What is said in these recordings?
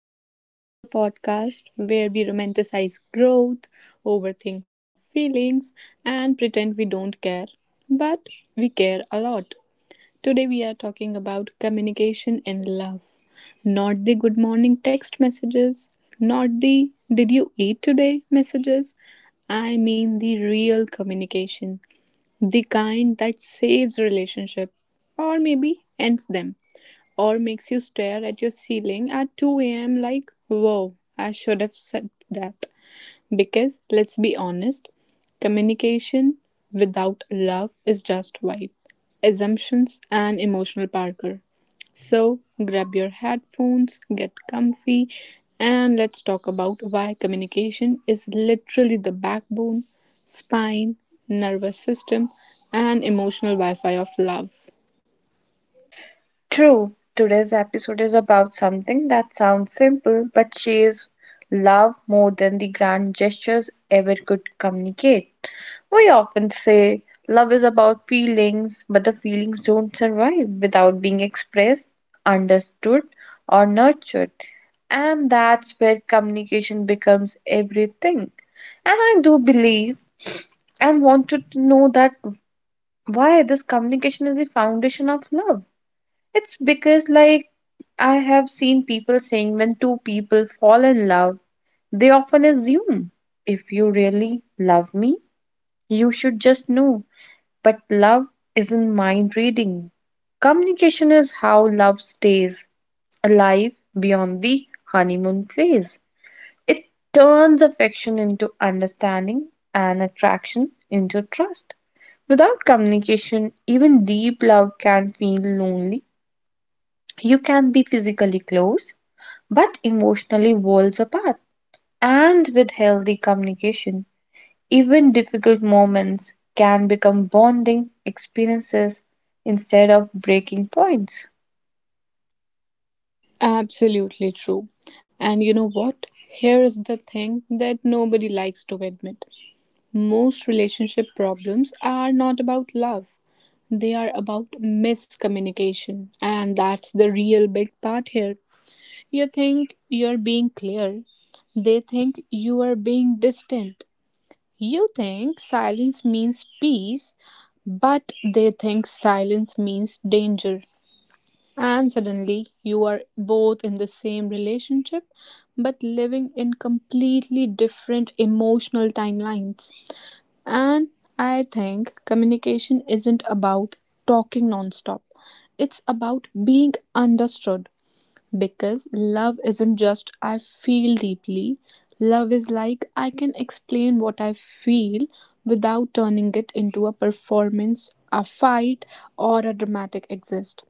Welcome back to the podcast where we romanticize growth, overthink feelings, and pretend we don't care. But we care a lot. Today, we are talking about communication in love. Not the good morning text messages, not the did you eat today messages. I mean the real communication, the kind that saves relationship or maybe ends them or makes you stare at your ceiling at 2 a.m. like, "Whoa, I should have said that. Because let's be honest, communication without love is just vibe, assumptions, and emotional parker. So grab your headphones, get comfy, and let's talk about why communication is literally the backbone, spine, nervous system, and emotional Wi Fi of love. True, today's episode is about something that sounds simple but shares love more than the grand gestures ever could communicate. We often say love is about feelings, but the feelings don't survive without being expressed, understood, or nurtured. And that's where communication becomes everything. And I do believe and want you to know that why this communication is the foundation of love it's because, like, I have seen people saying when two people fall in love, they often assume if you really love me, you should just know. But love isn't mind reading. Communication is how love stays alive beyond the honeymoon phase. It turns affection into understanding and attraction into trust. Without communication, even deep love can feel lonely, you can be physically close, but emotionally worlds apart. And with healthy communication, even difficult moments can become bonding experiences instead of breaking points. Absolutely true. And you know what? Here is the thing that nobody likes to admit. Most relationship problems are not about love, they are about miscommunication. And that's the real big part here. You think you're being clear, they think you are being distant. You think silence means peace, but they think silence means danger. And suddenly, you are both in the same relationship but living in completely different emotional timelines. And I think communication isn't about talking nonstop, it's about being understood. Because love isn't just I feel deeply, love is like I can explain what I feel without turning it into a performance, a fight, or a dramatic exist.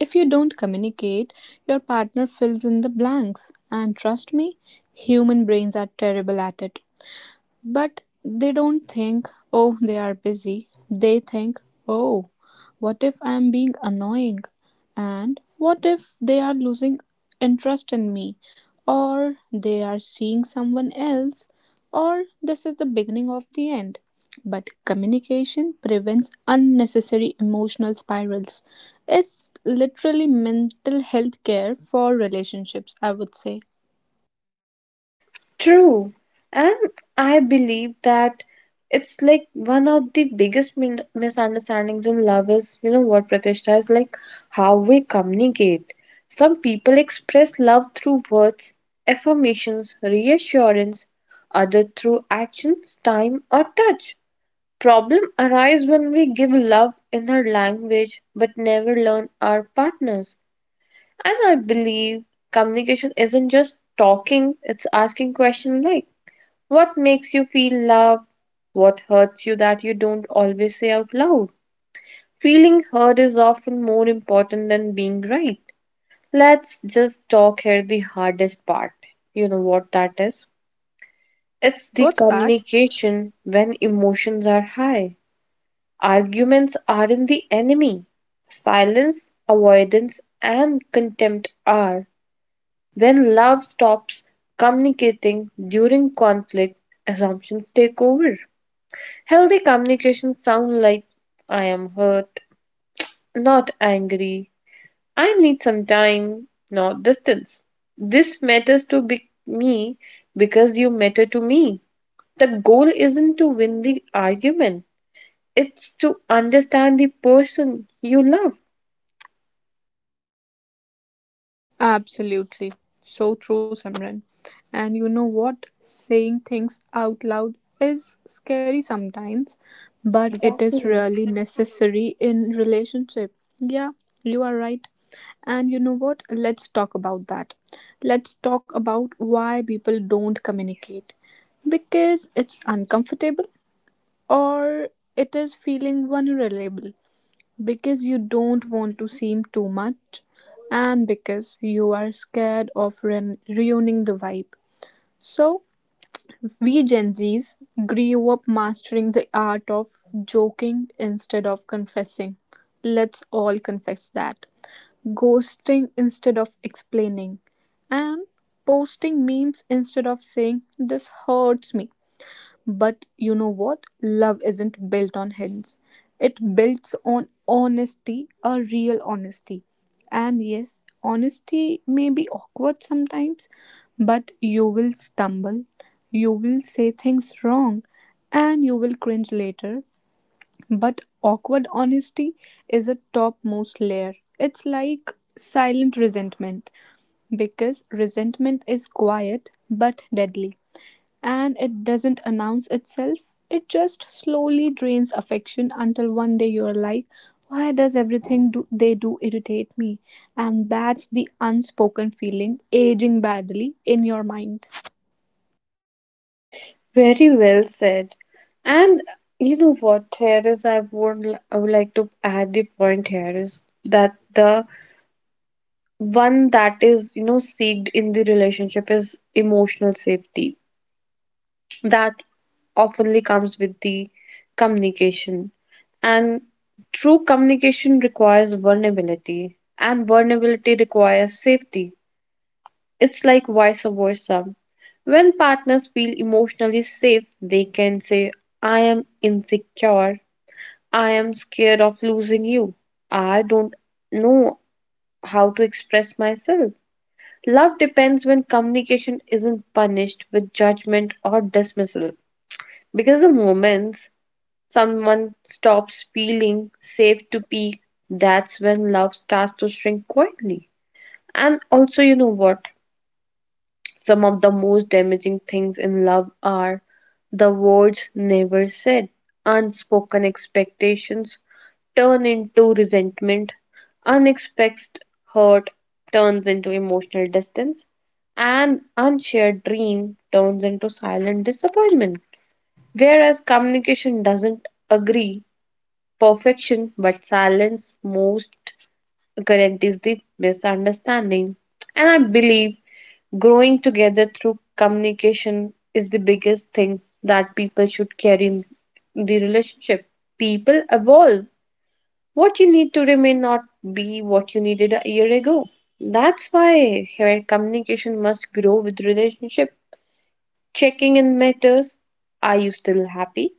If you don't communicate, your partner fills in the blanks. And trust me, human brains are terrible at it. But they don't think, oh, they are busy. They think, oh, what if I am being annoying? And what if they are losing interest in me? Or they are seeing someone else? Or this is the beginning of the end. But communication prevents unnecessary emotional spirals. It's literally mental health care for relationships, I would say. True, and I believe that it's like one of the biggest misunderstandings in love is, you know what Pratishtha is like, how we communicate. Some people express love through words, affirmations, reassurance, other through actions, time, or touch. Problem arise when we give love in our language but never learn our partners. And I believe communication isn't just talking; it's asking questions like. What makes you feel loved? What hurts you that you don't always say out loud? Feeling heard is often more important than being right. Let's just talk here the hardest part. You know what that is? It's the What's that? communication when emotions are high. Arguments aren't the enemy. Silence, avoidance, and contempt are. When love stops communicating during conflict, assumptions take over. Healthy communication sound like I am hurt, not angry. I need some time, not distance. This matters to me because you matter to me. The goal isn't to win the argument, it's to understand the person you love. Absolutely. So true, Simran. And you know what? Saying things out loud is scary sometimes, but it is Exactly. really necessary in relationship. Yeah, you are right. And you know what? Let's talk about that. Let's talk about why people don't communicate. Because it's uncomfortable or it is feeling vulnerable because you don't want to seem too much and because you are scared of ruining the vibe. So, we Gen Zs grew up mastering the art of joking instead of confessing. Let's all confess that. Ghosting instead of explaining. And posting memes instead of saying, This hurts me. But you know what? Love isn't built on hints. It builds on honesty, a real honesty. And yes, honesty may be awkward sometimes, but you will stumble, you will say things wrong, and you will cringe later. But awkward honesty is a topmost layer. It's like silent resentment because resentment is quiet but deadly. And it doesn't announce itself, it just slowly drains affection until one day you're like, why does everything they do irritate me? And that's the unspoken feeling aging badly in your mind. Very well said. And you know what, here is I would, I would like to add the point here is that the one that is, you know, seeked in the relationship is emotional safety that oftenly comes with the communication, and true communication requires vulnerability, and vulnerability requires safety. It's like vice versa. When partners feel emotionally safe, they can say I am insecure, I am scared of losing you, I don't know how to express myself. Love depends when communication isn't punished with judgment or dismissal. Because the moments someone stops feeling safe to peak, that's when love starts to shrink quietly. And also, you know what? Some of the most damaging things in love are the words never said, unspoken expectations turn into resentment, unexpressed hurt turns into emotional distance, and unshared dream turns into silent disappointment. Whereas communication doesn't agree perfection, but silence most guarantees the misunderstanding. And I believe growing together through communication is the biggest thing that people should carry in the relationship. People evolve. What you need today may not be what you needed a year ago. That's why your communication must grow with relationship. Checking in matters. Are you still happy?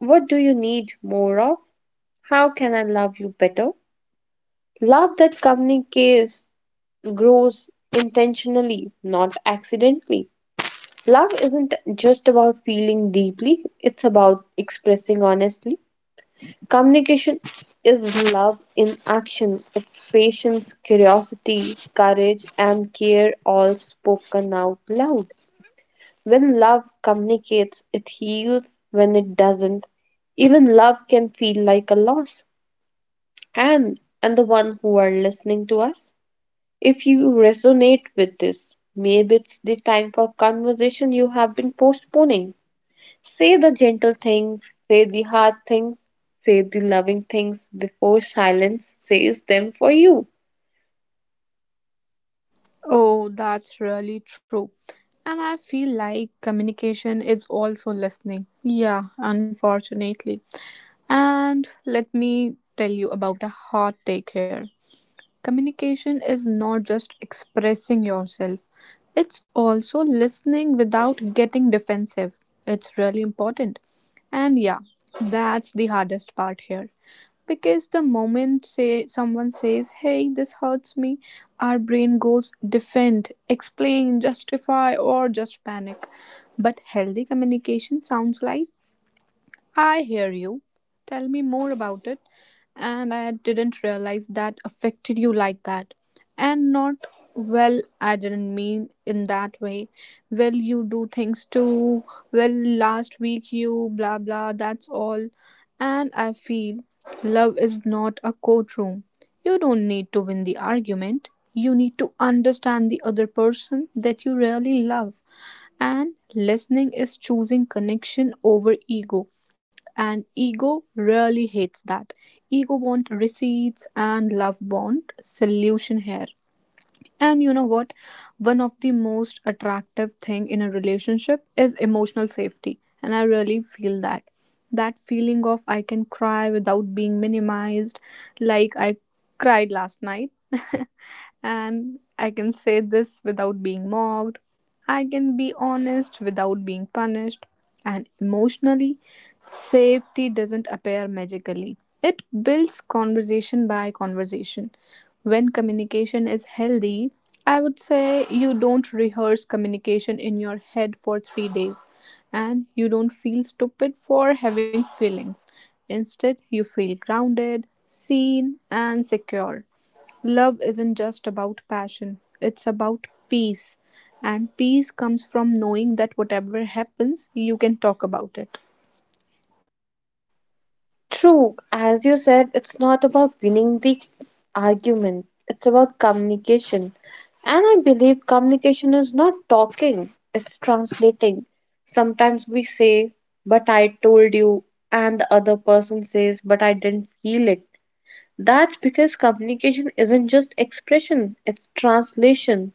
What do you need more of? How can I love you better? Love that communicates grows intentionally, not accidentally. Love isn't just about feeling deeply, it's about expressing honestly. Communication is love in action. It's patience, curiosity, courage, and care all spoken out loud. When love communicates, it heals. When it doesn't, even love can feel like a loss. And the one who are listening to us, if you resonate with this, maybe it's the time for conversation you have been postponing. Say the gentle things, say the hard things, say the loving things before silence says them for you. Oh, that's really true. And I feel like communication is also listening. Yeah, unfortunately. And let me tell you about a hot take here. Communication is not just expressing yourself, it's also listening without getting defensive. It's really important. And yeah, that's the hardest part here. Because the moment say someone says, "Hey, this hurts me," our brain goes defend, explain, justify or just panic. But healthy communication sounds like I hear you. Tell me more about it. And I didn't realize that affected you like that. And not, well, I didn't mean in that way. Well, you do things too. Well, last week you blah blah, that's all. And I feel love is not a courtroom. You don't need to win the argument. You need to understand the other person that you really love. And listening is choosing connection over ego and ego really hates that. Ego want receipts and love want solution here. And you know what? One of the most attractive thing in a relationship is emotional safety. And I really feel that. That feeling of I can cry without being minimized, like I cried last night. and I can say this without being mocked. I can be honest without being punished. And emotionally, safety doesn't appear magically. It builds conversation by conversation. When communication is healthy, I would say you don't rehearse communication in your head for 3 days and you don't feel stupid for having feelings. Instead, you feel grounded, seen, and secure. Love isn't just about passion, it's about peace. And peace comes from knowing that whatever happens, you can talk about it. True, as you said, it's not about winning the argument, it's about communication. And I believe communication is not talking, it's translating. Sometimes we say, but I told you, and the other person says, but I didn't feel it. That's because communication isn't just expression, it's translation.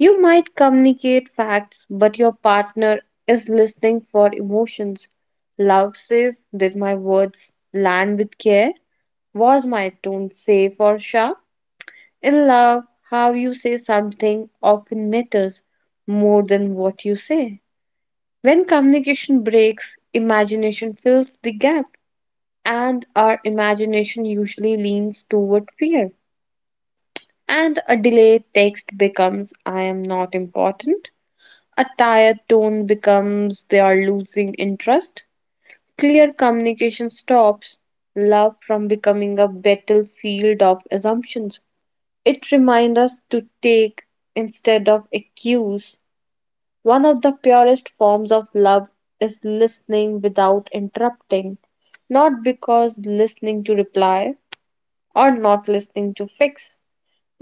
You might communicate facts, but your partner is listening for emotions. Love says, did my words land with care? Was my tone safe or sharp? In love, how you say something often matters more than what you say. When communication breaks, imagination fills the gap, and our imagination usually leans toward fear, and a delayed text becomes I am not important. A tired tone becomes they are losing interest. Clear communication stops love from becoming a battlefield of assumptions. It reminds us to take instead of accuse. One of the purest forms of love is listening without interrupting, not because listening to reply or not listening to fix,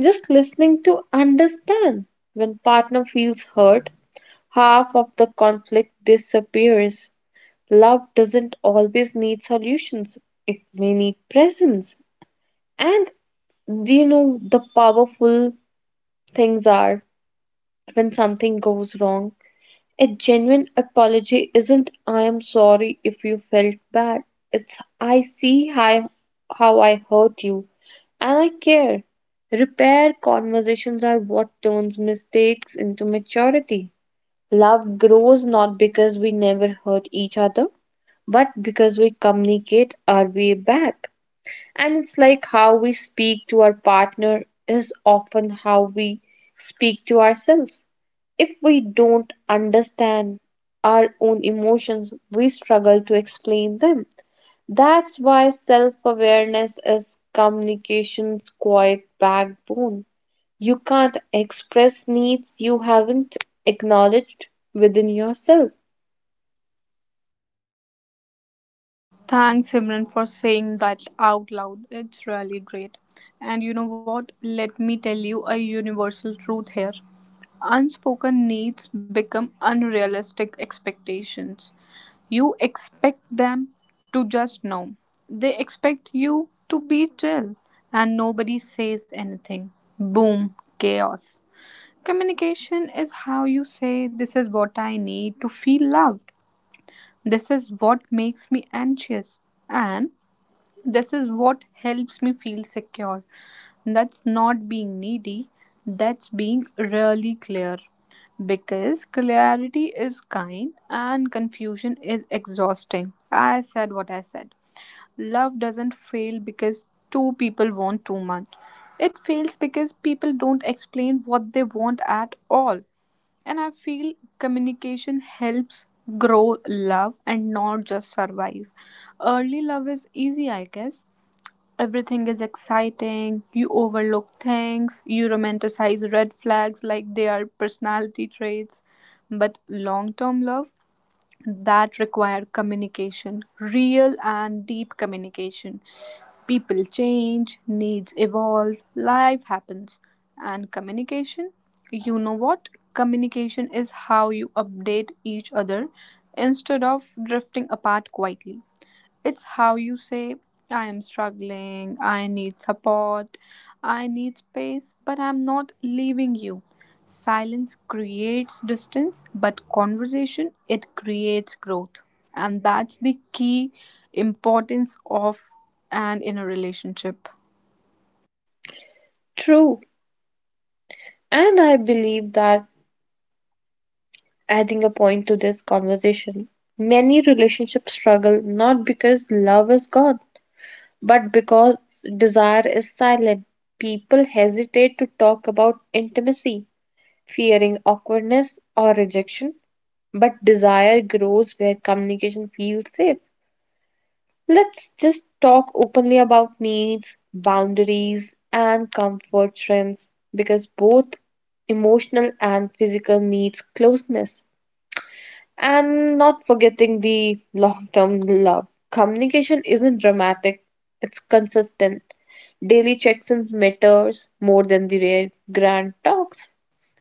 just listening to understand. When partner feels hurt, half of the conflict disappears. Love doesn't always need solutions. It may need presence. And do you know the powerful things are when something goes wrong a genuine apology isn't I am sorry if you felt bad. It's I see how I hurt you and I care. Repair conversations are what turns mistakes into maturity. Love grows not because we never hurt each other, but because we communicate our way back. And it's like how we speak to our partner is often how we speak to ourselves. If we don't understand our own emotions, we struggle to explain them. That's why self awareness is communication's quiet backbone. You can't express needs you haven't acknowledged within yourself. Thanks, Simran, for saying that out loud. It's really great. And you know what? Let me tell you a universal truth here. Unspoken needs become unrealistic expectations. You expect them to just know, they expect you to be chill, and nobody says anything. Boom, chaos. Communication is how you say, This is what I need to feel loved. This is what makes me anxious. And this is what helps me feel secure. That's not being needy, that's being really clear. Because clarity is kind and confusion is exhausting. I said what I said. Love doesn't fail because two people want too much. It fails because people don't explain what they want at all. And I feel communication helps grow love and not just survive. Early love is easy, I guess. Everything is exciting, you overlook things, you romanticize red flags like they are personality traits. But long term love, that require communication, real and deep communication. People change, needs evolve, life happens. And communication, you know what? Communication is how you update each other instead of drifting apart quietly. It's how you say, I am struggling, I need support, I need space, but I'm not leaving you. Silence creates distance, but conversation it creates growth. And that's the key importance of and in a relationship. True. And I believe that adding a point to this conversation. Many relationships struggle not because love is gone, but because desire is silent. People hesitate to talk about intimacy, fearing awkwardness or rejection, but desire grows where communication feels safe. Let's just talk openly about needs, boundaries, and comfort trends because both emotional and physical needs closeness. And not forgetting the long term love. Communication isn't dramatic, it's consistent. Daily checks in matters more than the rare grand talks.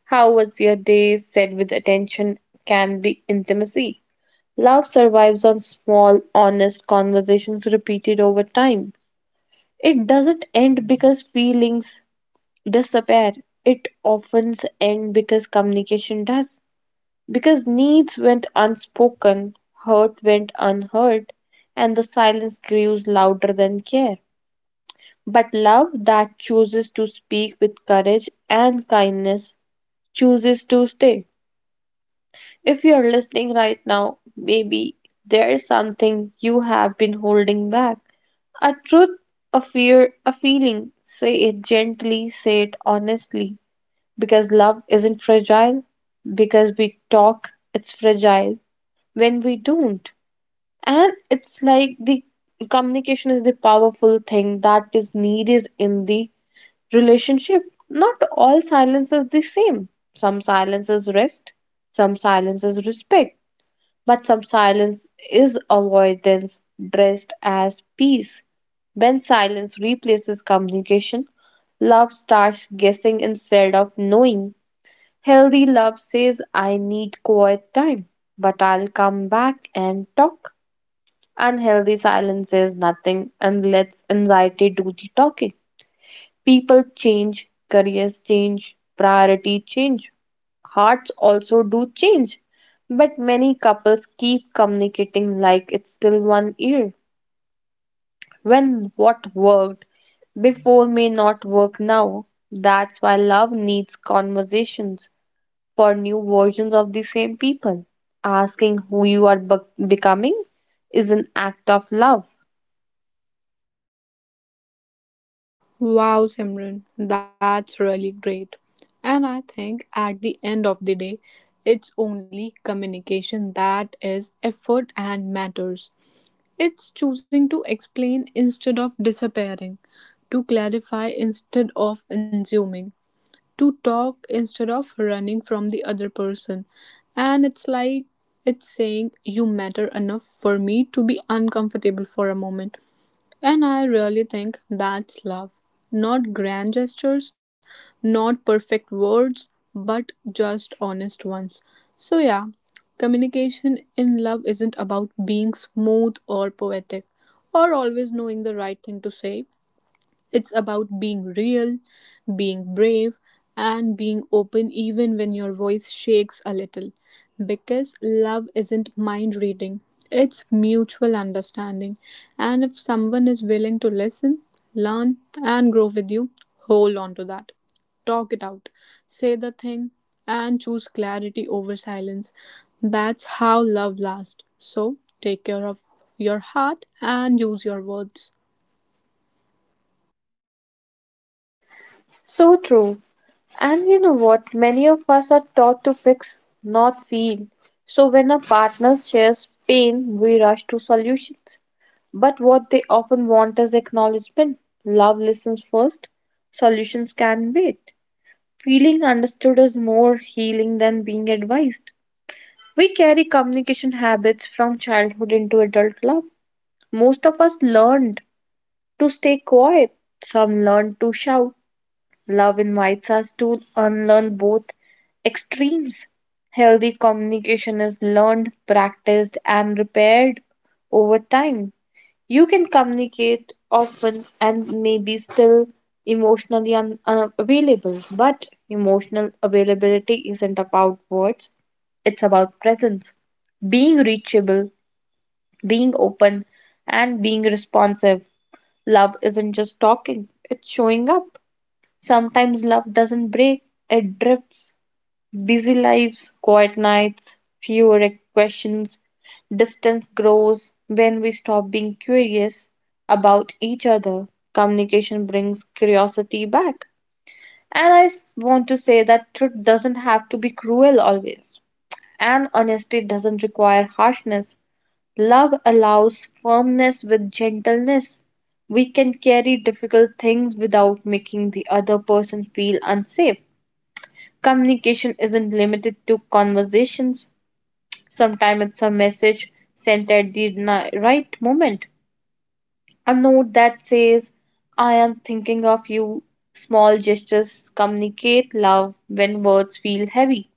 How was your day said with attention can be intimacy. Love survives on small, honest conversations repeated over time. It doesn't end because feelings disappear. It often ends because communication does. Because needs went unspoken, hurt went unheard, and the silence grew louder than care. But love that chooses to speak with courage and kindness chooses to stay. If you are listening right now, maybe there's something you have been holding back. A truth, a fear, a feeling. Say it gently, say it honestly. Because love isn't fragile, because we talk, it's fragile when we don't. And it's like the communication is the powerful thing that is needed in the relationship. Not all silence is the same. Some silence is rest, some silence is respect, but some silence is avoidance dressed as peace. When silence replaces communication, love starts guessing instead of knowing. Healthy love says, I need quiet time, but I'll come back and talk. Unhealthy silence says nothing and lets anxiety do the talking. People change, careers change, priority change, hearts also do change. But many couples keep communicating like it's still one year. When what worked before may not work now. That's why love needs conversations for new versions of the same people. Asking who you are becoming is an act of love. Wow, Simran, that's really great. And I think at the end of the day, it's only communication that is effort and matters. It's choosing to explain instead of disappearing, to clarify instead of assuming, to talk instead of running from the other person. And it's like it's saying, You matter enough for me to be uncomfortable for a moment. And I really think that's love. Not grand gestures, not perfect words, but just honest ones. So, yeah, communication in love isn't about being smooth or poetic or always knowing the right thing to say. It's about being real, being brave, and being open even when your voice shakes a little. Because love isn't mind reading, it's mutual understanding. And if someone is willing to listen, learn, and grow with you, hold on to that. Talk it out, say the thing, and choose clarity over silence. That's how love lasts. So take care of your heart and use your words. So true. And you know what? Many of us are taught to fix, not feel. So when a partner shares pain, we rush to solutions. But what they often want is acknowledgement. Love listens first, solutions can wait. Feeling understood is more healing than being advised. We carry communication habits from childhood into adult love. Most of us learned to stay quiet, some learned to shout. Love invites us to unlearn both extremes. Healthy communication is learned, practiced, and repaired over time. You can communicate often and maybe still emotionally unavailable, but emotional availability isn't about words, it's about presence, being reachable, being open, and being responsive. Love isn't just talking, it's showing up. Sometimes love doesn't break, it drifts. Busy lives, quiet nights, fewer questions, distance grows when we stop being curious about each other. Communication brings curiosity back. And want to say that truth doesn't have to be cruel always, and honesty doesn't require harshness. Love allows firmness with gentleness. We can carry difficult things without making the other person feel unsafe. Communication isn't limited to conversations. Sometimes it's a message sent at the right moment. A note that says, I am thinking of you. Small gestures communicate love when words feel heavy.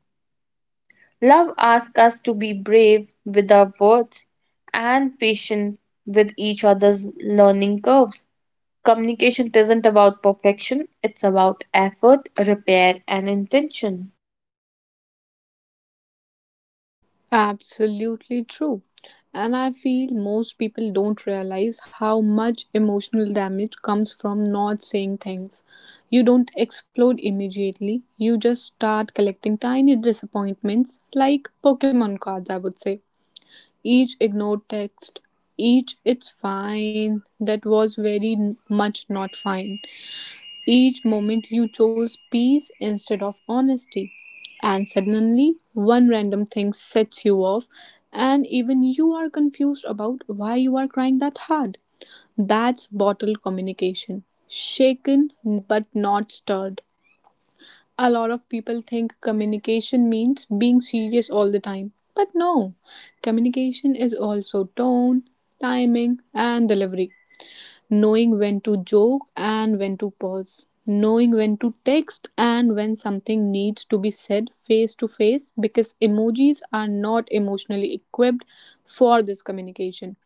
Love asks us to be brave with our words and patient with each other's learning curves. Communication isn't about perfection, it's about effort, repair, and intention. Absolutely true. And I feel most people don't realize how much emotional damage comes from not saying things. You don't explode immediately, you just start collecting tiny disappointments like Pokemon cards, I would say. Each ignored text, each it's fine, that was very much not fine. Each moment you chose peace instead of honesty. And suddenly, one random thing sets you off, and even you are confused about why you are crying that hard. That's bottled communication. Shaken but not stirred. A lot of people think communication means being serious all the time. But no, communication is also tone, timing, and delivery knowing when to joke and when to pause, knowing when to text and when something needs to be said face to face because emojis are not emotionally equipped for this communication.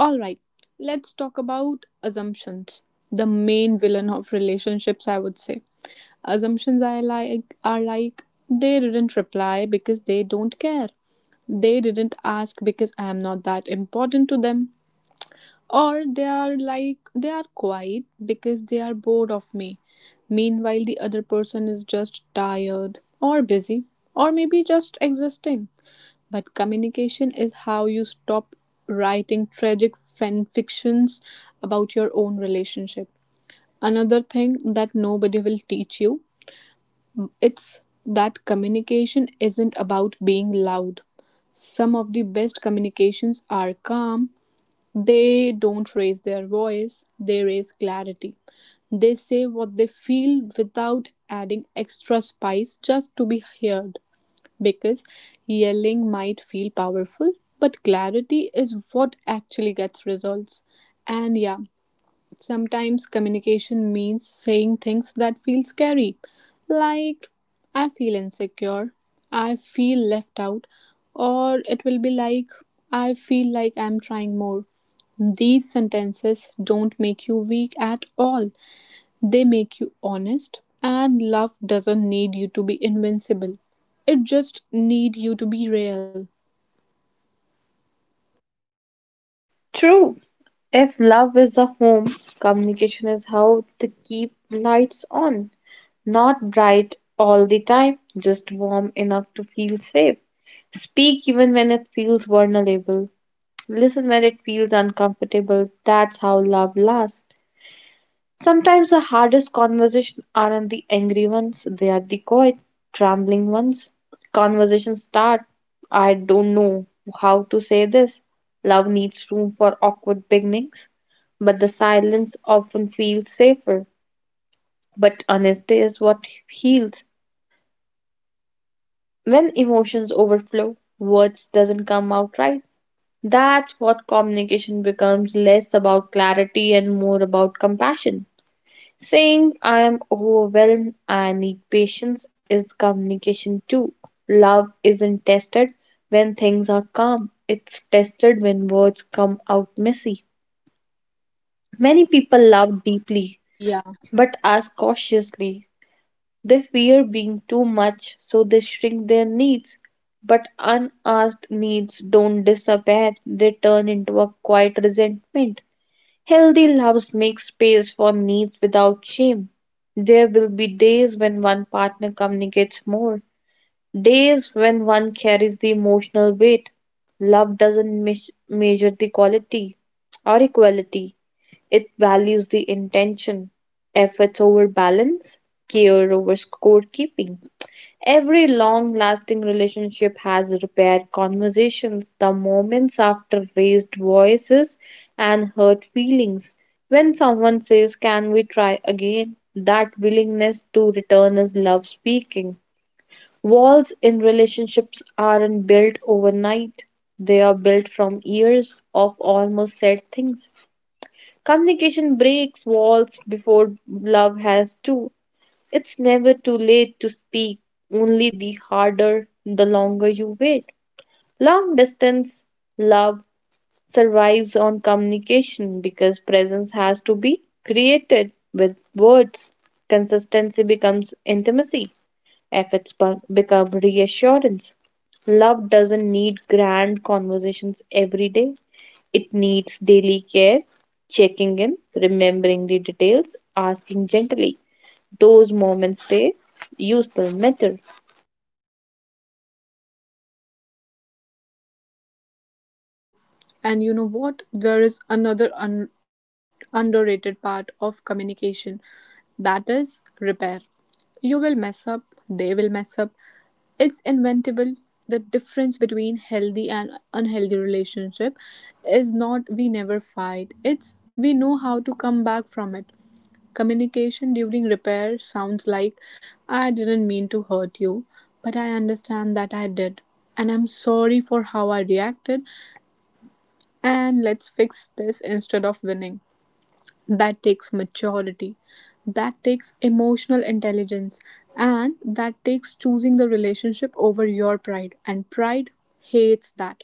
All right, let's talk about assumptions, the main villain of relationships, I would say. Assumptions I like are like they didn't reply because they don't care. They didn't ask because I am not that important to them or they are like, they are quiet because they are bored of me. Meanwhile, the other person is just tired or busy or maybe just existing. But communication is how you stop writing tragic fan fictions about your own relationship. Another thing that nobody will teach you it's that communication isn't about being loud. Some of the best communications are calm, they don't raise their voice, they raise clarity. They say what they feel without adding extra spice just to be heard. Because yelling might feel powerful, but clarity is what actually gets results. And yeah, sometimes communication means saying things that feel scary, like I feel insecure, I feel left out, or it will be like I feel like I'm trying more. These sentences don't make you weak at all, they make you honest, and love doesn't need you to be invincible. It just need you to be real. True, if love is the home, communication is how to keep lights on. Not bright all the time, just warm enough to feel safe. Speak even when it feels vulnerable. Listen when it feels uncomfortable. That's how love lasts. Sometimes the hardest conversations aren't the angry ones, they are the quiet, trembling ones. Conversations start, I don't know how to say this. Love needs room for awkward beginnings, but the silence often feels safer. But honesty is what heals. When emotions overflow, words doesn't come out right. That's what communication becomes less about clarity and more about compassion. Saying I am overwhelmed, I need patience is communication too. Love isn't tested when things are calm, it's tested when words come out messy. Many people love deeply Yeah. but ask cautiously. They fear being too much, so they shrink their needs. But unasked needs don't disappear, they turn into a quiet resentment. Healthy loves make space for needs without shame. There will be days when one partner communicates more, days when one carries the emotional weight. Love doesn't measure the quality or equality, it values the intention, efforts over balance, care over scorekeeping. Every long lasting relationship has repaired conversations, the moments after raised voices and hurt feelings. When someone says, can we try again? That willingness to return is love speaking. Walls in relationships aren't built overnight, they are built from years of almost said things. Communication breaks walls before love has to. It's never too late to speak, only the harder the longer you wait. Long distance love survives on communication because presence has to be created with words. Consistency becomes intimacy, efforts become reassurance. Love doesn't need grand conversations every day, it needs daily care, checking in, remembering the details, asking gently those moments they you still matter. Yeah, that's true. And you know what? There is another underrated part of communication that is repair. You will mess up, they will mess up. It's inventable. The difference between healthy and unhealthy relationship is not we never fight. It's we know how to come back from it. Communication during repair sounds like I didn't mean to hurt you, but I understand that I did and I'm sorry for how I reacted and let's fix this instead of winning. That takes maturity, that takes emotional intelligence, and that takes choosing the relationship over your pride. And pride hates that.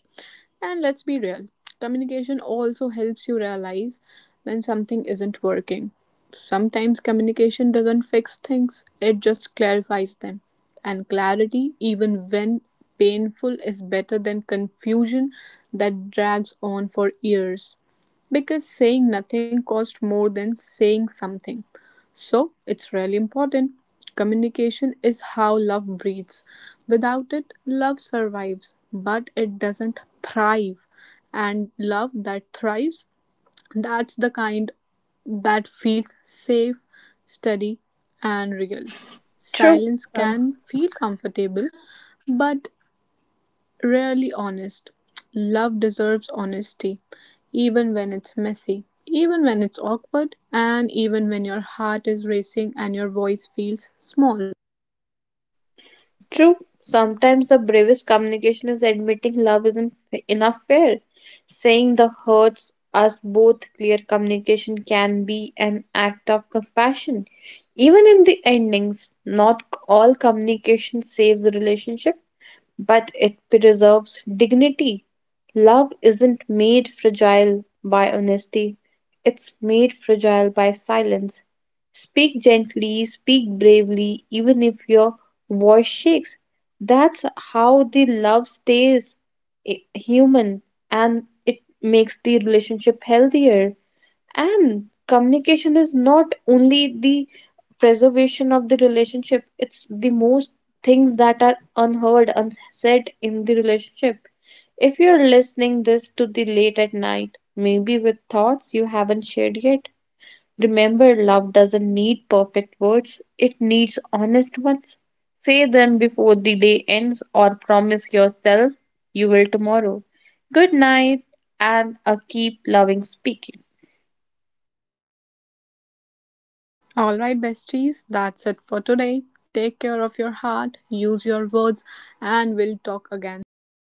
And let's be real communication also helps you realize when something isn't working. Sometimes communication doesn't fix things, it just clarifies them. And clarity, even when painful, is better than confusion that drags on for years because saying nothing costs more than saying something. So it's really important. Communication is how love breathes. Without it, love survives, but it doesn't thrive. And love that thrives, that's the kind that feels safe, steady, and real. True. Silence Um, can feel comfortable, but rarely honest. Love deserves honesty, even when it's messy, even when it's awkward, and even when your heart is racing and your voice feels small. True. Sometimes the bravest communication is admitting love isn't enough fair. Saying the hurts us both clear communication can be an act of compassion. Even in the endings, not all communication saves a relationship, but it preserves dignity. Love isn't made fragile by honesty, it's made fragile by silence. Speak gently, speak bravely, even if your voice shakes. That's how the love stays human and it makes the relationship healthier. And communication is not only the preservation of the relationship, it's the most things that are unheard, unsaid in the relationship. If you're listening this to the late at night, maybe with thoughts you haven't shared yet, remember love doesn't need perfect words, it needs honest ones. Say them before the day ends or promise yourself you will tomorrow. Good night and a keep loving speaking. Alright, besties, that's it for today. Take care of your heart, use your words, and we'll talk again soon.